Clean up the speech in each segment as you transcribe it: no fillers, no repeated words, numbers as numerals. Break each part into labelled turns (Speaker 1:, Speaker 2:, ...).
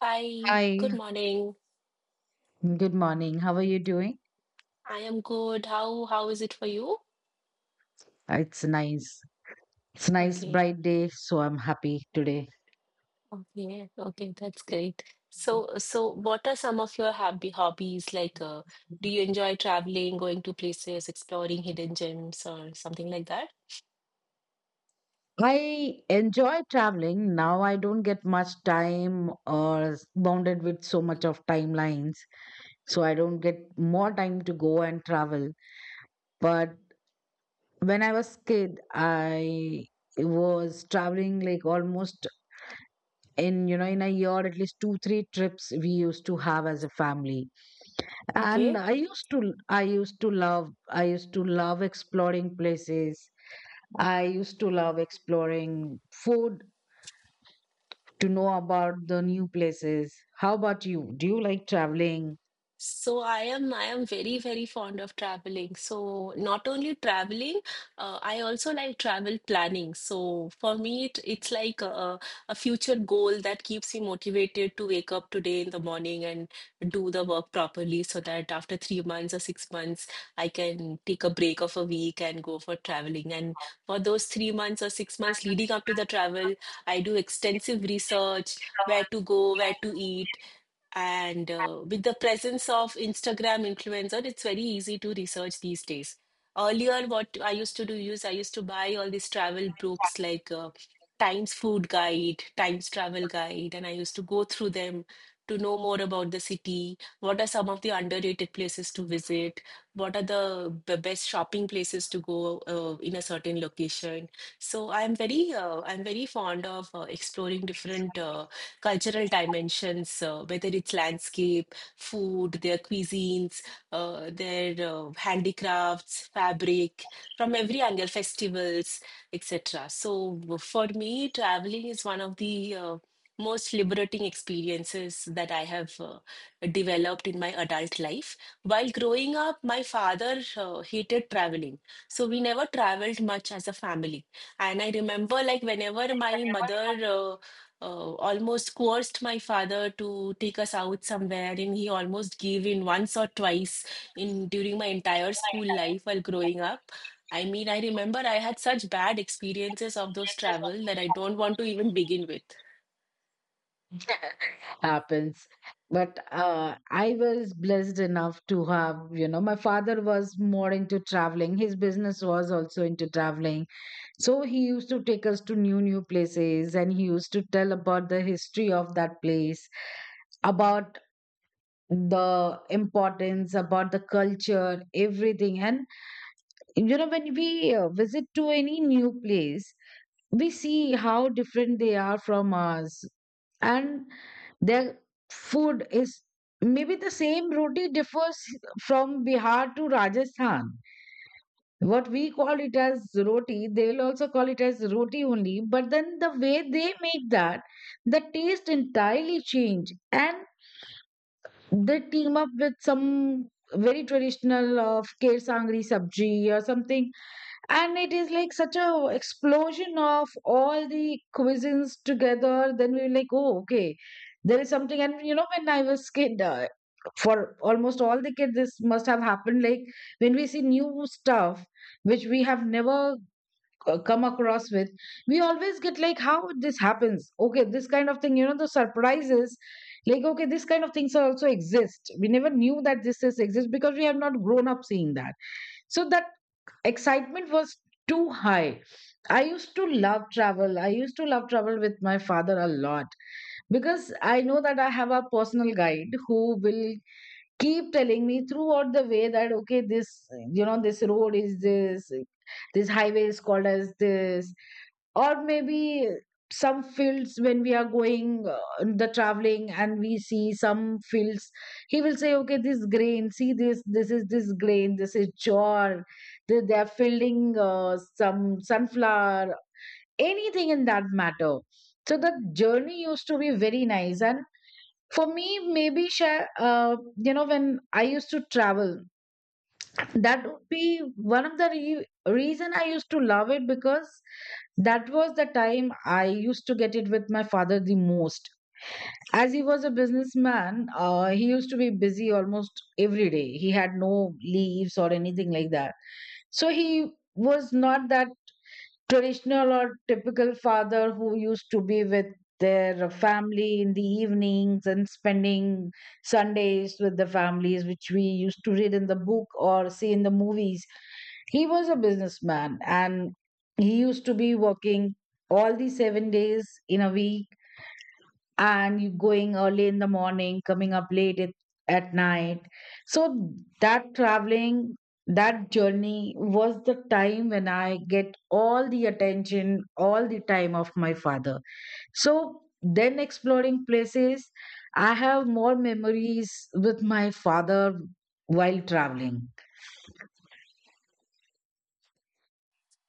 Speaker 1: Hi,
Speaker 2: Hi,
Speaker 1: good morning.
Speaker 2: good morning. How are you doing?
Speaker 1: I am good. How is it for you?
Speaker 2: It's nice. It's nice
Speaker 1: Okay,
Speaker 2: bright day, so I'm happy today.
Speaker 1: okay, okay, that's great. So what are some of your happy hobbies? Like do you enjoy traveling, going to places, exploring hidden gems or something like that?
Speaker 2: I enjoy traveling. Now I don't get much time or bounded with so much of timelines. So I don't get more time to go and travel. But when I was kid, I was traveling like almost in you know in a year at least two three trips we used to have as a family, and
Speaker 1: Okay.
Speaker 2: I used to love exploring places. I used to love exploring food to know about the new places. How about you? Do you like traveling?
Speaker 1: So I am very very fond of traveling. So not only traveling, I also like travel planning. So for me, it's like a future goal that keeps me motivated to wake up today in the morning and do the work properly, so that after 3 months or 6 months, I can take a break of a week and go for traveling. And for those 3 months or 6 months leading up to the travel, I do extensive research, where to go, where to eat and with the presence of Instagram influencer, it's very easy to research these days. Earlier, what I used to do is I used to buy all these travel books like Times Food Guide, Times Travel Guide, and I used to go through them to know more about the city. What are some of the underrated places to visit? What are the best shopping places to go in a certain location? So I'm I'm very fond of exploring different. Cultural dimensions, whether it's landscape, food, their cuisines, their handicrafts, fabric, from every angle, festivals, etc. So for me, traveling is one of the most liberating experiences that I have developed in my adult life. While growing up, my father hated traveling. So we never traveled much as a family. And I remember, like, whenever my mother uh, almost coerced my father to take us out somewhere, and he almost gave in once or twice in during my entire school life while growing up. I mean, I remember I had such bad experiences of those travel that I don't want to even begin with.
Speaker 2: Happens. But I was blessed enough to have, my father was more into traveling, his business was also into traveling, so he used to take us to new new places, and he used to tell about the history of that place, about the importance, about the culture, everything. And you know, when we visit to any new place, we see how different they are from us, and their food is maybe the same. Roti differs from Bihar to Rajasthan. What we call it as roti, they will also call it as roti only, but then the way they make that, the taste entirely change, and they team up with some very traditional of Kher sangri, sabji or something, and it is like such a explosion of all the cuisines together. Then we were like, oh, okay, there is something. And you know, when I was kid, for almost all the kids this must have happened, like when we see new stuff which we have never come across with, we always get like, how this happens, okay, this kind of thing, you know, the surprises, like, okay, this kind of things also exist, we never knew that this is exist because we have not grown up seeing that. So that excitement was too high. I used to love travel. I used to love travel with my father a lot because I know that I have a personal guide who will keep telling me throughout the way that, okay, this road is this, this highway is called as this, or maybe some fields when we are going, the traveling, and we see some fields, he will say, okay, this grain, see this is this grain, this is jor. They are fielding some sunflower, anything in that matter. So the journey used to be very nice. And for me, maybe when I used to travel, that would be one of the reason I used to love it, because that was the time I used to get it with my father the most. As he was a businessman, he used to be busy almost every day. He had no leaves or anything like that. So he was not that traditional or typical father who used to be with their family in the evenings and spending Sundays with the families, which we used to read in the book or see in the movies. He was a businessman, and he used to be working all the 7 days in a week, and you going early in the morning, coming up late at night. So that traveling, that journey was the time when I get all the attention, all the time of my father. So then exploring places, I have more memories with my father while traveling.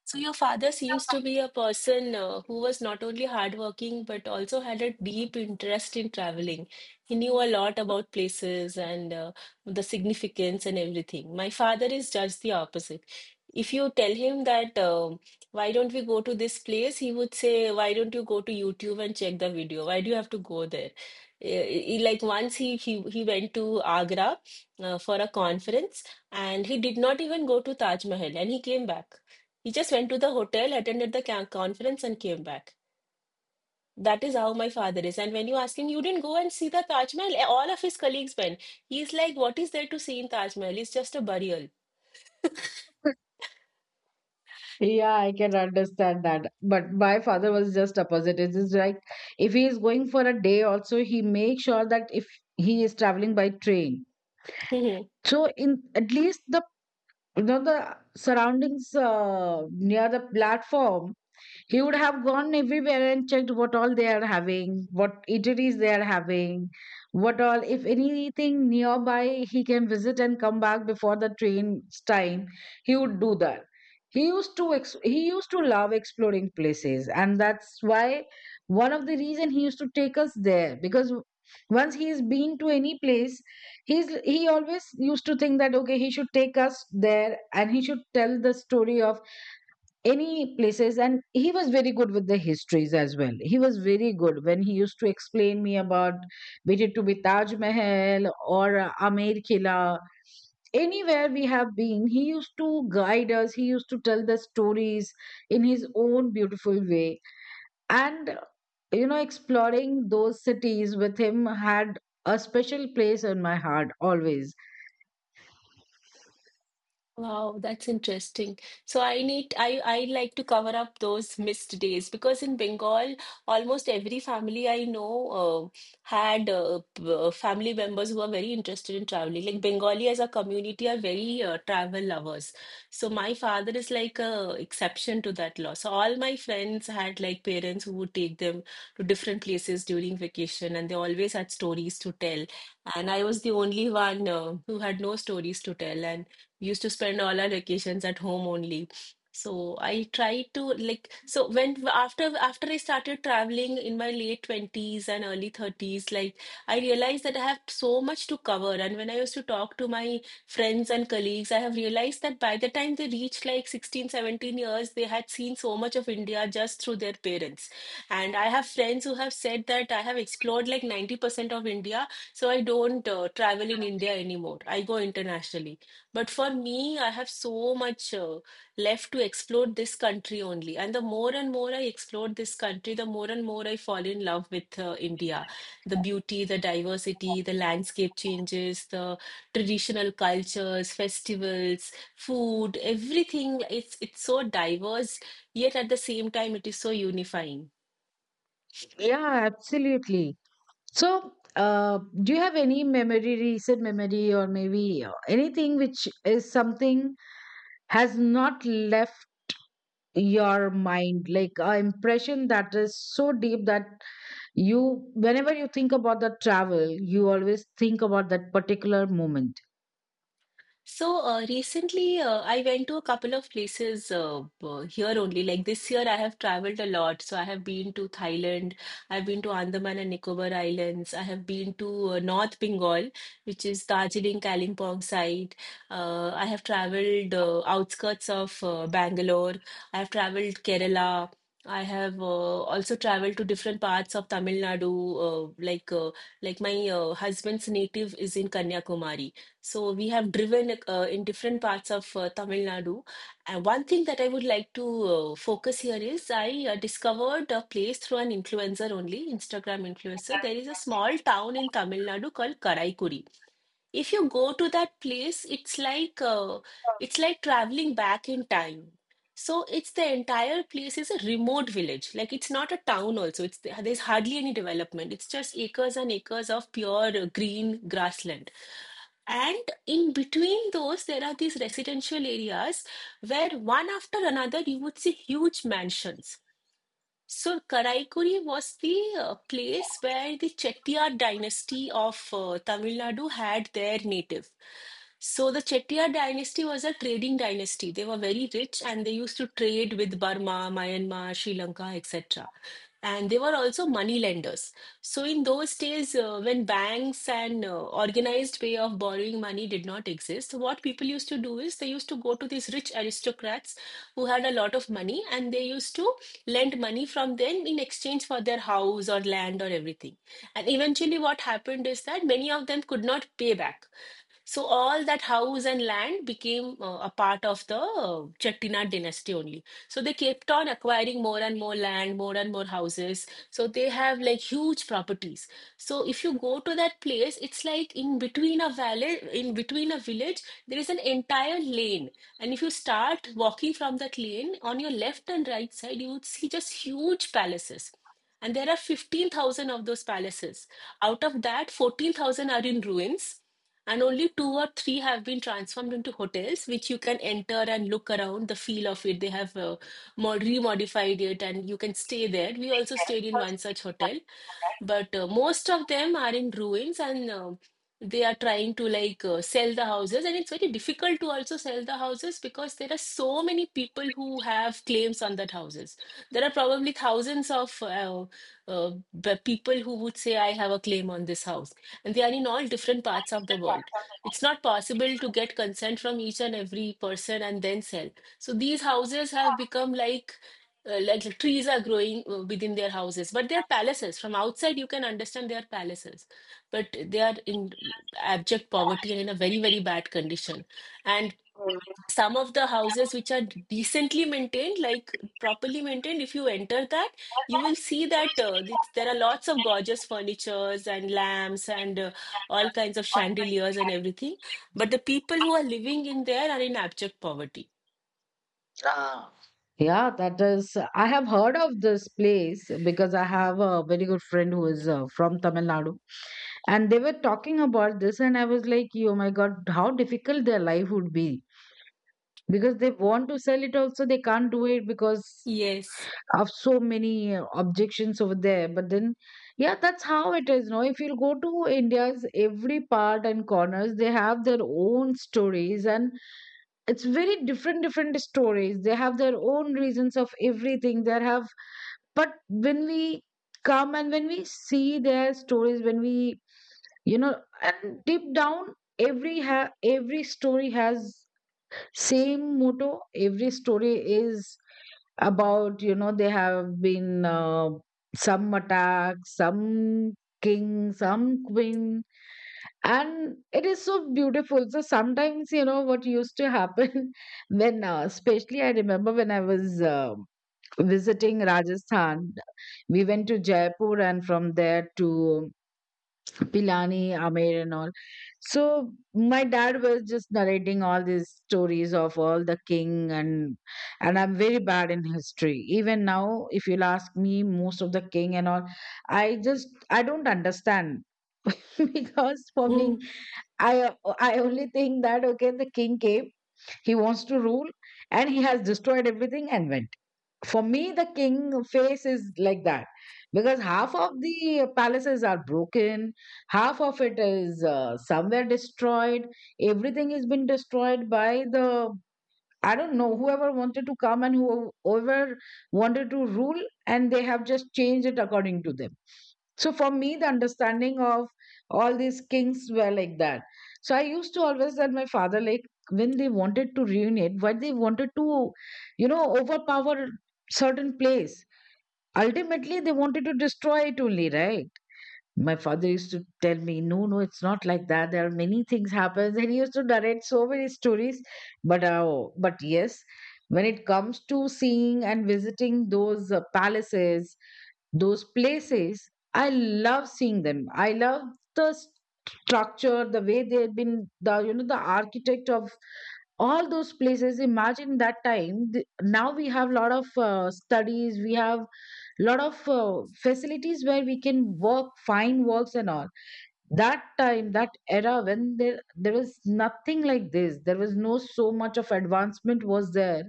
Speaker 1: So your father seems to be a person who was not only hardworking but also had a deep interest in traveling. He knew a lot about places and the significance and everything. My father is just the opposite. If you tell him that why don't we go to this place, he would say, "Why don't you go to YouTube and check the video? Why do you have to go there?" Eh, Like once he went to Agra for a conference and he did not even go to Taj Mahal and he came back. He just went to the hotel, attended the conference, and came back. That is how my father is. And when you ask him, you didn't go and see the Taj Mahal, all of his colleagues went. He's like, what is there to see in Taj Mahal? It's just a burial.
Speaker 2: Yeah, I can understand that. But my father was just opposite. It is like, if he is going for a day also, he makes sure that if he is traveling by train. So in at least the, you know, the surroundings near the platform, he would have gone everywhere and checked what all they are having, what eateries they are having, what all, if anything nearby he can visit and come back before the train's time, he would do that. He used to love exploring places, and that's why one of the reason he used to take us there, because once he's been to any place, he always used to think that, okay, he should take us there and he should tell the story of any places. And he was very good with the histories as well. He was very good when he used to explain me about, be it to be Taj Mahal or Amer Killa, anywhere we have been, he used to guide us, he used to tell the stories in his own beautiful way. And you know, exploring those cities with him had a special place in my heart always.
Speaker 1: Wow, that's interesting. So I need I like to cover up those missed days because in Bengal, almost every family I know had family members who are very interested in traveling. Like Bengali as a community are very travel lovers. So my father is like a exception to that law. So all my friends had like parents who would take them to different places during vacation, and they always had stories to tell. And I was the only one who had no stories to tell. And used to spend all our vacations at home only. So I tried to like so when after I started traveling in my late 20s and early 30s, like I realized that I have so much to cover. And when I used to talk to my friends and colleagues, I have realized that by the time they reached like 16, 17 years, they had seen so much of India just through their parents. And I have friends who have said that I have explored like 90% of India, so I don't travel in India anymore. I go internationally. But for me, I have so much left to explore this country only. And the more and more I explore this country, the more and more I fall in love with India. The beauty, the diversity, the landscape changes, the traditional cultures, festivals, food, everything. It's so diverse, yet at the same time, it is so unifying.
Speaker 2: Yeah, absolutely. So, do you have any memory, recent memory, or maybe anything which is something has not left your mind, like a impression that is so deep that, you, whenever you think about the travel, you always think about that particular moment?
Speaker 1: So recently, I went to a couple of places here only. Like this year, I have traveled a lot. So I have been to Thailand, I've been to Andaman and Nicobar Islands, I have been to North Bengal, which is Darjeeling, Kalimpong side. I have traveled outskirts of Bangalore. I have traveled Kerala. I have also traveled to different parts of Tamil Nadu. Uh, like uh, like my husband's native is in Kanyakumari. So we have driven in different parts of Tamil Nadu. And one thing that I would like to focus here is I discovered a place through an influencer only, Instagram influencer. There is a small town in Tamil Nadu called Karaikuri. If you go to that place, it's like traveling back in time. So it's the entire place is a remote village. Like it's not a town also. It's there's hardly any development. It's just acres and acres of pure green grassland. And in between those, there are these residential areas where one after another you would see huge mansions. So Karaikuri was the place where the Chettiar dynasty of Tamil Nadu had their native. So the Chettiar dynasty was a trading dynasty. They were very rich and they used to trade with Burma, Myanmar, Sri Lanka, etc. And they were also money lenders. So in those days, when banks and organized way of borrowing money did not exist, what people used to do is they used to go to these rich aristocrats who had a lot of money and they used to lend money from them in exchange for their house or land or everything and eventually, what happened is that many of them could not pay back. So all that house and land became a part of the Chettinad dynasty only. So they kept on acquiring more and more land, more and more houses. So they have like huge properties. So if you go to that place, it's like in between a valley, in between a village, there is an entire lane. And if you start walking from that lane, on your left and right side, you would see just huge palaces. And there are 15,000 of those palaces. Out of that, 14,000 are in ruins, and only two or three have been transformed into hotels, which you can enter and look around the feel of it. They have remodified it, and you can stay there. We also stayed in one such hotel. But most of them are in ruins and they are trying to like sell the houses. And it's very difficult to also sell the houses because there are so many people who have claims on that houses. There are probably thousands of the people who would say, I have a claim on this house. And they are in all different parts of the world. It's not possible to get consent from each and every person and then sell. So these houses have become like the trees are growing within their houses but they're palaces from outside you can understand they are palaces but they are in abject poverty and in a very very bad condition and some of the houses which are decently maintained like properly maintained if you enter that you will see that there are lots of gorgeous furnitures and lamps and all kinds of chandeliers and everything but the people who are living in there are in abject poverty.
Speaker 2: Ah. Yeah, that is. I have heard of this place because I have a very good friend who is from Tamil Nadu, and they were talking about this, and I was like, "Oh my God, how difficult their life would be." Because they want to sell it also, they can't do it because
Speaker 1: Yes.
Speaker 2: of so many objections over there. But then, yeah, that's how it is. Now if you go to India's every part and corners, they have their own stories, and it's very different different stories, they have their own reasons of everything they have. But when we come and when we see their stories, when we, you know, and deep down, every story has same motto, every story is about, you know, they have been some attack, some king, some queen, and it is so beautiful. So sometimes you know what used to happen, when especially I remember when I was visiting Rajasthan, we went to Jaipur and from there to Pilani, Amer, and all. So my dad was just narrating all these stories of all the king, and I'm very bad in history. Even now, if you'll ask me, most of the king and all, I don't understand, because for
Speaker 1: Mm,
Speaker 2: me, I only think that, okay, the king came, he wants to rule, and he has destroyed everything and went. For me, the king face is like that because half of the palaces are broken, half of it is somewhere destroyed. Everything has been destroyed by the, I don't know, whoever wanted to come and whoever wanted to rule, and they have just changed it according to them. So for me, the understanding of all these kings were like that. So I used to always tell my father, like, when they wanted to reunite, why they wanted to, you know, overpower certain place. Ultimately, they wanted to destroy it only, right? My father used to tell me, no, no, it's not like that, there are many things happens, and he used to narrate so many stories. But yes, when it comes to seeing and visiting those palaces, those places, I love seeing them. I love the structure, the way they have been, the, you know, the architect of all those places. Imagine that time, now we have a lot of studies, we have lot of facilities where we can work fine works and all. That time, that era, when there was nothing like this, there was no so much of advancement was there,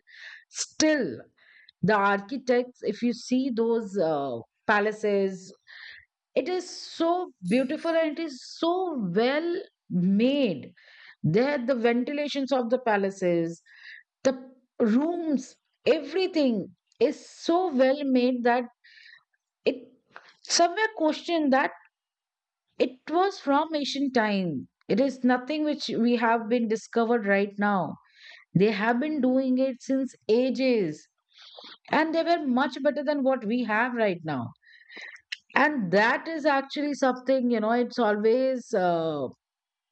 Speaker 2: still the architects, if you see those palaces, it is so beautiful, and it is so well made. There, the ventilations of the palaces, the rooms, everything is so well made that it somewhere question that. It was from ancient time. It is nothing which we have been discovered right now. They have been doing it since ages, and they were much better than what we have right now. And that is actually something, you know, it's always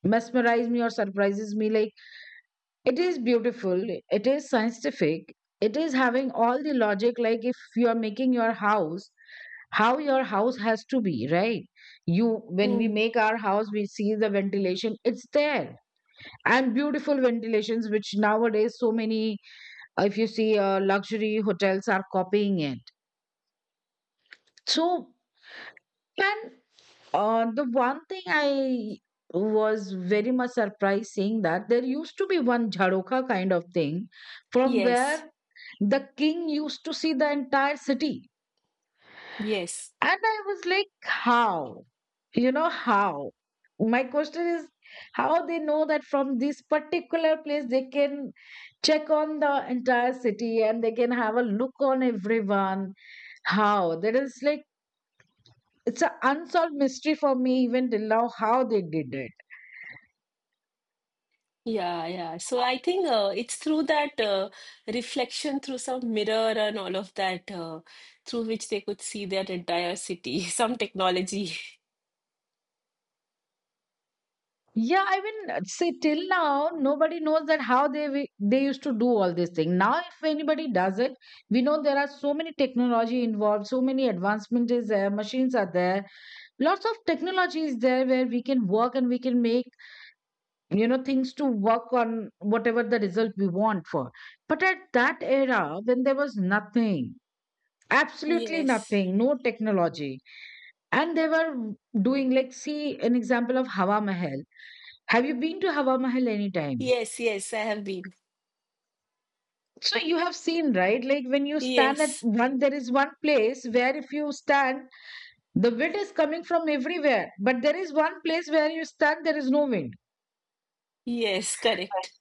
Speaker 2: mesmerized me or surprises me. Like, it is beautiful, it is scientific, it is having all the logic. Like, if you are making your house, how your house has to be, right? you When we
Speaker 1: mm.
Speaker 2: make our house, we see the ventilation, it's there, and beautiful ventilations which nowadays so many, if you see luxury hotels are copying it. So, and the one thing I was very much surprised seeing that, there used to be one jharoka kind of thing from
Speaker 1: Yes.
Speaker 2: where the king used to see the entire city.
Speaker 1: Yes.
Speaker 2: And I was like, how? You know, how? My question is how they know that from this particular place they can check on the entire city and they can have a look on everyone. How? That is like, it's an unsolved mystery for me even till now how they did it.
Speaker 1: Yeah, yeah. So I think it's through that reflection through some mirror and all of that, through which they could see their entire city, some technology.
Speaker 2: Yeah, I mean, see, till now, nobody knows that how they used to do all this thing. Now, if anybody does it, we know there are so many technology involved, so many advancements is there, machines are there, lots of technology is there where we can work and we can make things to work on whatever the result we want for, but at that era when there was nothing, absolutely
Speaker 1: Yes.
Speaker 2: nothing, no technology, and they were doing like, see an example of Hawa Mahal. Have you been to Hawa Mahal anytime?
Speaker 1: Yes, yes, I have been.
Speaker 2: So you have seen, right? Like when you stand at
Speaker 1: Yes.
Speaker 2: one, there is one place where if you stand, the wind is coming from everywhere, but there is one place where you stand there is no wind.
Speaker 1: Yes, correct.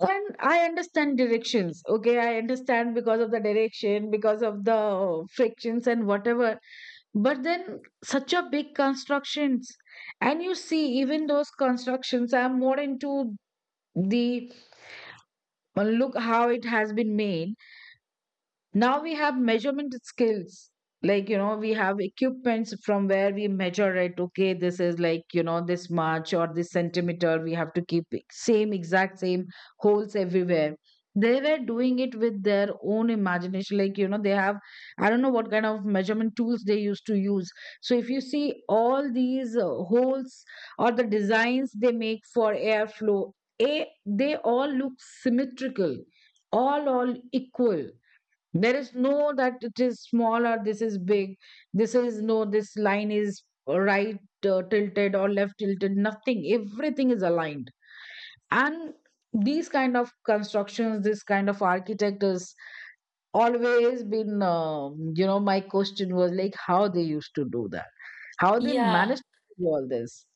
Speaker 2: And I understand directions. Okay, I understand because of the direction, because of the frictions and whatever. But then such a big constructions, and you see even those constructions. I'm more into the look how it has been made. Now we have measurement skills, like we have equipments from where we measure it. Okay, this is like this much, or this centimeter we have to keep it same, exact same, holes everywhere. They were doing it with their own imagination, like they have, I don't know what kind of measurement tools they used to use. So if you see all these holes or the designs they make for airflow, a they all look symmetrical, all equal. There is no that it is small or this is big. This is no, this line is right tilted or left tilted. Nothing. Everything is aligned. And these kind of constructions, this kind of architect has always been, you know, my question was like how they used to do that, how they
Speaker 1: Yeah.
Speaker 2: managed to do all this.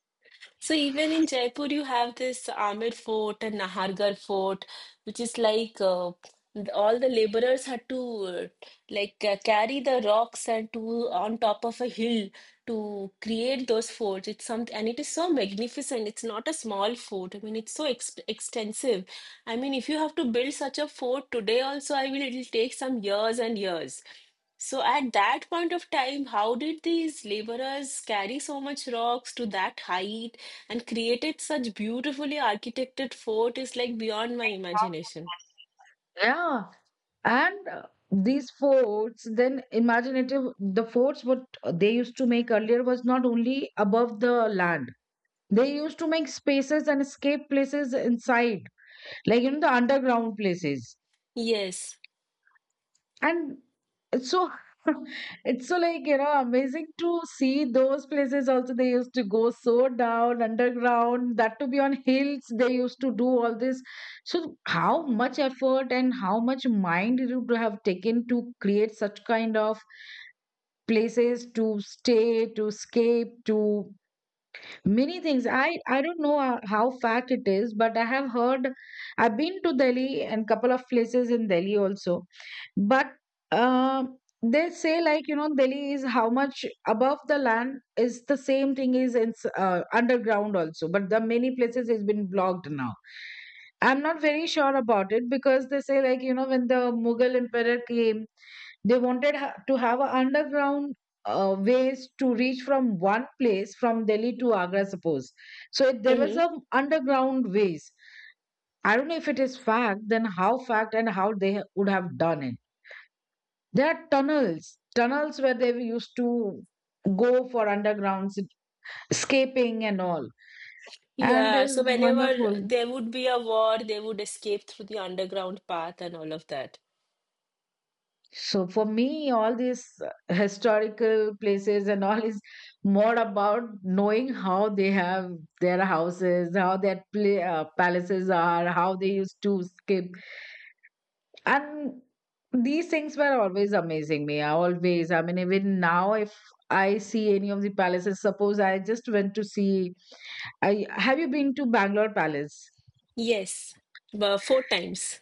Speaker 1: So even in Jaipur, you have this Amer Fort and Nahargarh Fort, which is like all the laborers had to carry the rocks and to on top of a hill to create those forts. It's something, and it is so magnificent. It's not a small fort. I mean, it's so ex extensive. I mean, if you have to build such a fort today, also, I will. It'll take some years and years. So at that point of time, how did these laborers carry so much rocks to that height and created such beautifully architected fort is like beyond my imagination.
Speaker 2: Yeah. And these forts, then imaginative, the forts what they used to make earlier was not only above the land. They used to make spaces and escape places inside, like you know, the underground places.
Speaker 1: Yes.
Speaker 2: And it's so, it's so like, you know, amazing to see those places also. They used to go so down underground, that to be on hills, they used to do all this. So how much effort and how much mind you would have taken to create such kind of places to stay, to escape, to many things, I don't know how fact it is, but I have heard, I've been to Delhi and couple of places in Delhi also, but uh, they say like Delhi is how much above the land is the same thing is in underground also, but the many places has been blocked now. I'm not very sure about it because they say like when the Mughal emperor came, they wanted to have an underground ways to reach from one place from Delhi to Agra, suppose. So it, there was
Speaker 1: hmm
Speaker 2: a underground ways. I don't know if it is fact, then how fact and how they would have done it. There are tunnels, tunnels where they used to go for underground escaping and all. And
Speaker 1: Yeah, so
Speaker 2: it's
Speaker 1: whenever
Speaker 2: wonderful.
Speaker 1: there would be a war, they would escape through the underground path and all of that.
Speaker 2: So for me, all these historical places and all is more about knowing how they have their houses, how their pla palaces are, how they used to skip. And these things were always amazing me. I Always. I mean, even now, if I see any of the palaces, suppose I just went to see. I Have you been to Bangalore Palace?
Speaker 1: Yes. But four times.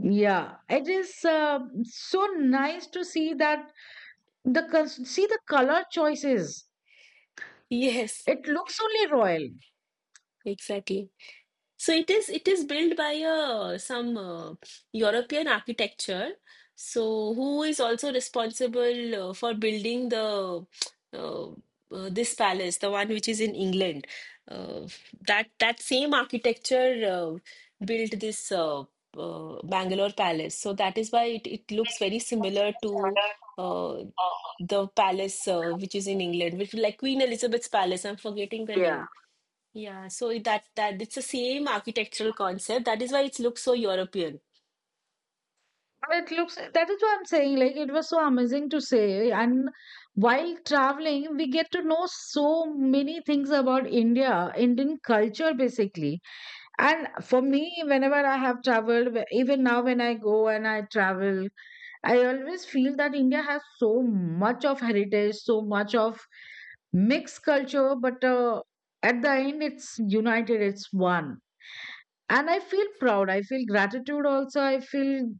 Speaker 2: Yeah, it is so nice to see that the see the color choices.
Speaker 1: Yes,
Speaker 2: It looks only royal.
Speaker 1: exactly. So it is built by some European architecture. So who is also responsible for building the uh, this palace, the one which is in England? Uh, that same architecture built this Bangalore palace. So that is why it looks very similar to uh, the palace which is in England, which is like Queen Elizabeth's palace. I'm forgetting the
Speaker 2: Yeah.
Speaker 1: name. Yeah, so that it's the same architectural concept. That is why it looks so European.
Speaker 2: It looks, that is what I'm saying. Like, it was so amazing to say. And while traveling, we get to know so many things about India, Indian culture, basically. And for me, whenever I have traveled, even now when I go and I travel, I always feel that India has so much of heritage, so much of mixed culture, but at the end, it's united, it's one. And I feel proud. I feel gratitude also. I feel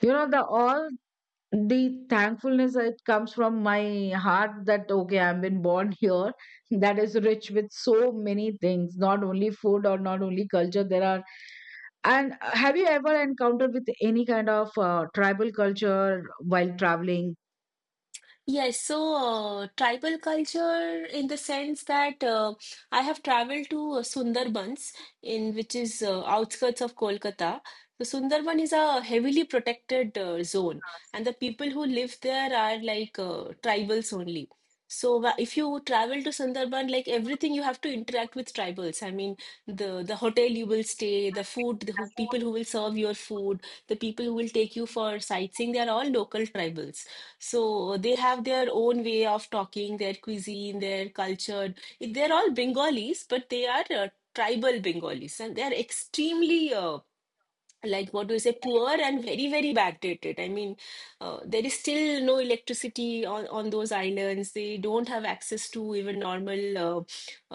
Speaker 2: the all the thankfulness that comes from my heart that okay, I've been born here, that is rich with so many things, not only food or not only culture, there are, and have you ever encountered with any kind of tribal culture while traveling?
Speaker 1: Yes, so tribal culture in the sense that I have traveled to Sundarbans in which is outskirts of Kolkata. So Sundarban is a heavily protected zone, and the people who live there are like tribals only. So if you travel to Sundarban, like everything you have to interact with tribals. I mean, the hotel you will stay, the food, people who will serve your food, the people who will take you for sightseeing, they are all local tribals. So they have their own way of talking, their cuisine, their culture. They're all Bengalis, but they are tribal Bengalis, and they're extremely like what do you say, poor and very, very backdated. I mean, there is still no electricity on those islands. They don't have access to even normal uh,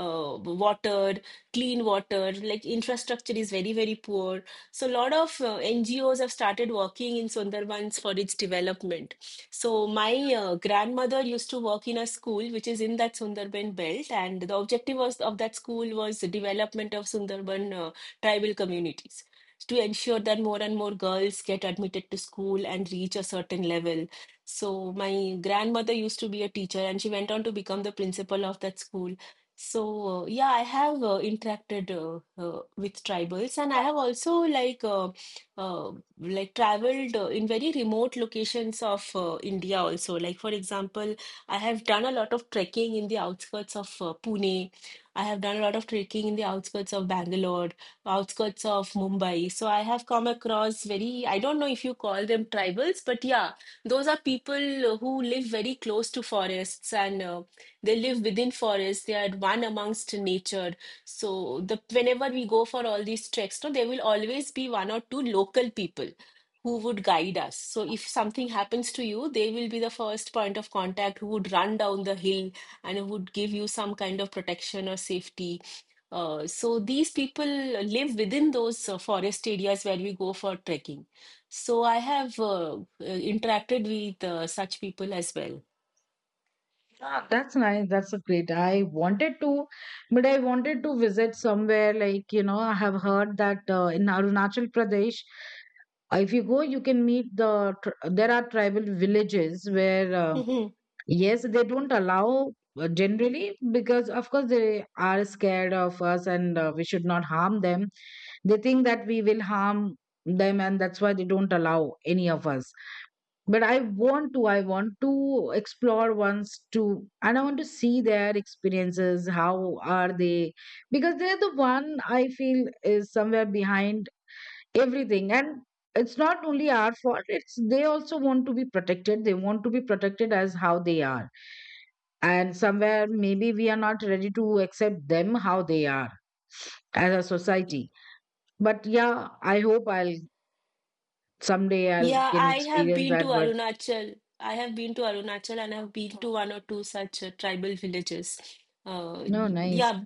Speaker 1: uh, water, clean water. Like infrastructure is very, very poor. So a lot of NGOs have started working in Sundarbans for its development. So my grandmother used to work in a school which is in that Sundarban belt, and the objective was of that school was the development of Sundarban tribal communities, to ensure that more and more girls get admitted to school and reach a certain level. So my grandmother used to be a teacher, and she went on to become the principal of that school. So yeah, I have interacted with tribals, and I have also uh, like traveled in very remote locations of India also. Like for example, I have done a lot of trekking in the outskirts of Pune. I have done a lot of trekking in the outskirts of Bangalore, outskirts of Mumbai. So I have come across very, I don't know if you call them tribals, but yeah, those are people who live very close to forests, and they live within forests. They are one amongst nature. So the whenever we go for all these treks, no, there will always be one or two local people who would guide us. So if something happens to you, they will be the first point of contact who would run down the hill and who would give you some kind of protection or safety. So these people live within those forest areas where we go for trekking. So I have interacted with such people as well.
Speaker 2: Ah, that's nice. That's a great. But I wanted to visit somewhere like, you know, I have heard that in Arunachal Pradesh, if you go, you can meet the, there are tribal villages where, yes, they don't allow generally because, of course, they are scared of us and we should not harm them. They think that we will harm them, and that's why they don't allow any of us, but I want to explore once to, and I want to see their experiences, how are they, because they're the one I feel is somewhere behind everything. And it's not only our fault, it's they also want to be protected, they want to be protected as how they are, and somewhere maybe we are not ready to accept them how they are as a society. But yeah, I hope I'll someday I'll
Speaker 1: Yeah,
Speaker 2: can
Speaker 1: I have
Speaker 2: experience
Speaker 1: been to
Speaker 2: that, but
Speaker 1: Arunachal. I have been to Arunachal, and I've been to one or two such tribal villages. Uh,
Speaker 2: no, nice.
Speaker 1: yeah,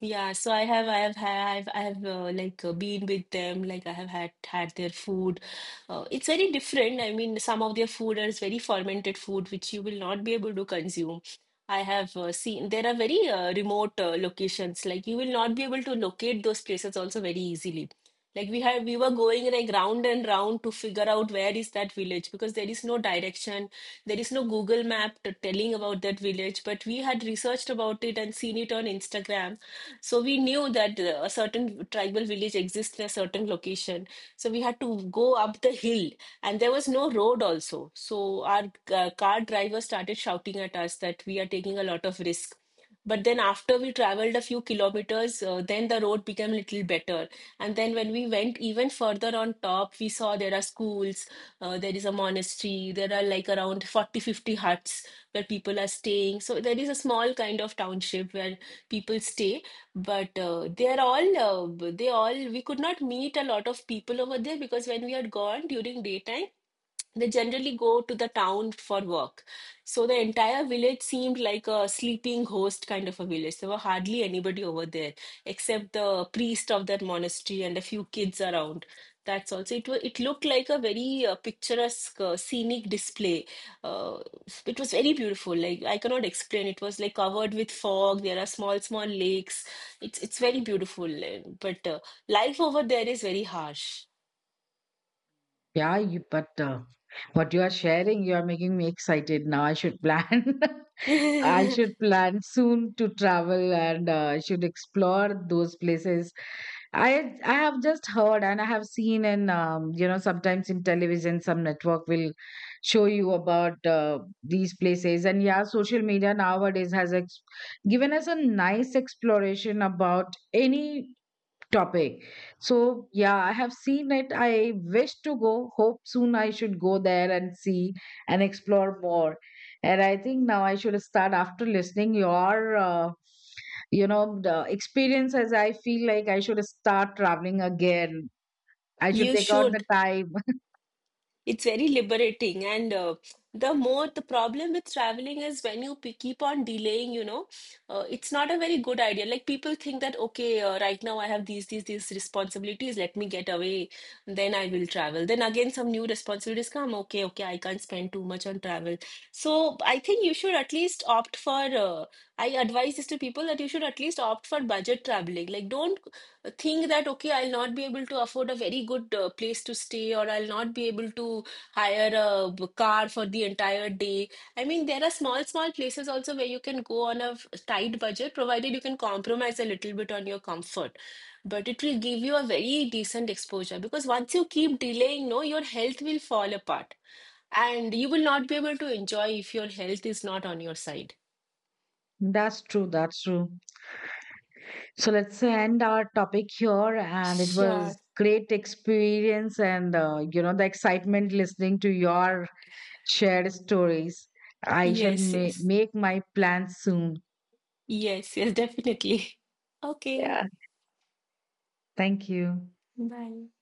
Speaker 1: yeah. So I have like been with them. Like I have had their food. It's very different. I mean, some of their food is very fermented food, which you will not be able to consume. I have seen there are very remote locations. Like you will not be able to locate those places also very easily. Like we were going like round and round to figure out where is that village, because there is no direction, there is no Google map telling about that village. But we had researched about it and seen it on Instagram, so we knew that a certain tribal village exists in a certain location. So we had to go up the hill, and there was no road also. So our car driver started shouting at us that we are taking a lot of risk. But then after we traveled a few kilometers, then the road became a little better, and then when we went even further on top, we saw there are schools, there is a monastery, there are like around 40-50 huts where people are staying. So there is a small kind of township where people stay, but they are all, they all, we could not meet a lot of people over there because when we had gone during daytime, they generally go to the town for work. So the entire village seemed like a sleeping host kind of a village. There were hardly anybody over there except the priest of that monastery and a few kids around. That's also it. It looked like a very picturesque, scenic display. Uh, it was very beautiful. Like I cannot explain. It was like covered with fog. There are small, small lakes. It's very beautiful. But life over there is very harsh.
Speaker 2: Yeah, you, but what you are sharing, you are making me excited now. I should plan. I should plan soon to travel and I should explore those places. I have just heard and I have seen and you know, sometimes in television some network will show you about these places. And yeah, social media nowadays has given us a nice exploration about any topic. So yeah, I have seen it. I wish to go. Hope soon I should go there and see and explore more. And I think now I should start after listening your, you know, the experiences. I feel like I should start traveling again. I should
Speaker 1: You
Speaker 2: take out the
Speaker 1: should.
Speaker 2: time.
Speaker 1: It's very liberating, and the more the problem with traveling is when you keep on delaying, you know, it's not a very good idea. Like people think that, okay, right now I have these responsibilities, let me get away, then I will travel. Then again, some new responsibilities come, okay, okay, I can't spend too much on travel. So I think you should at least opt for, I advise this to people that you should at least opt for budget traveling. Like, don't think that okay, I'll not be able to afford a very good place to stay, or I'll not be able to hire a car for the entire day. I mean, there are small, small places also where you can go on a tight budget, provided you can compromise a little bit on your comfort. But it will give you a very decent exposure, because once you keep delaying, no, your health will fall apart, and you will not be able to enjoy if your health is not on your side.
Speaker 2: That's true. That's true. So let's end our topic here. And it
Speaker 1: Sure.
Speaker 2: was great experience, and you know, the excitement listening to your shared stories. I shall
Speaker 1: Yes, yes.
Speaker 2: make my plans soon.
Speaker 1: Yes, yes, definitely. Okay.
Speaker 2: Yeah. Thank you.
Speaker 1: 拜。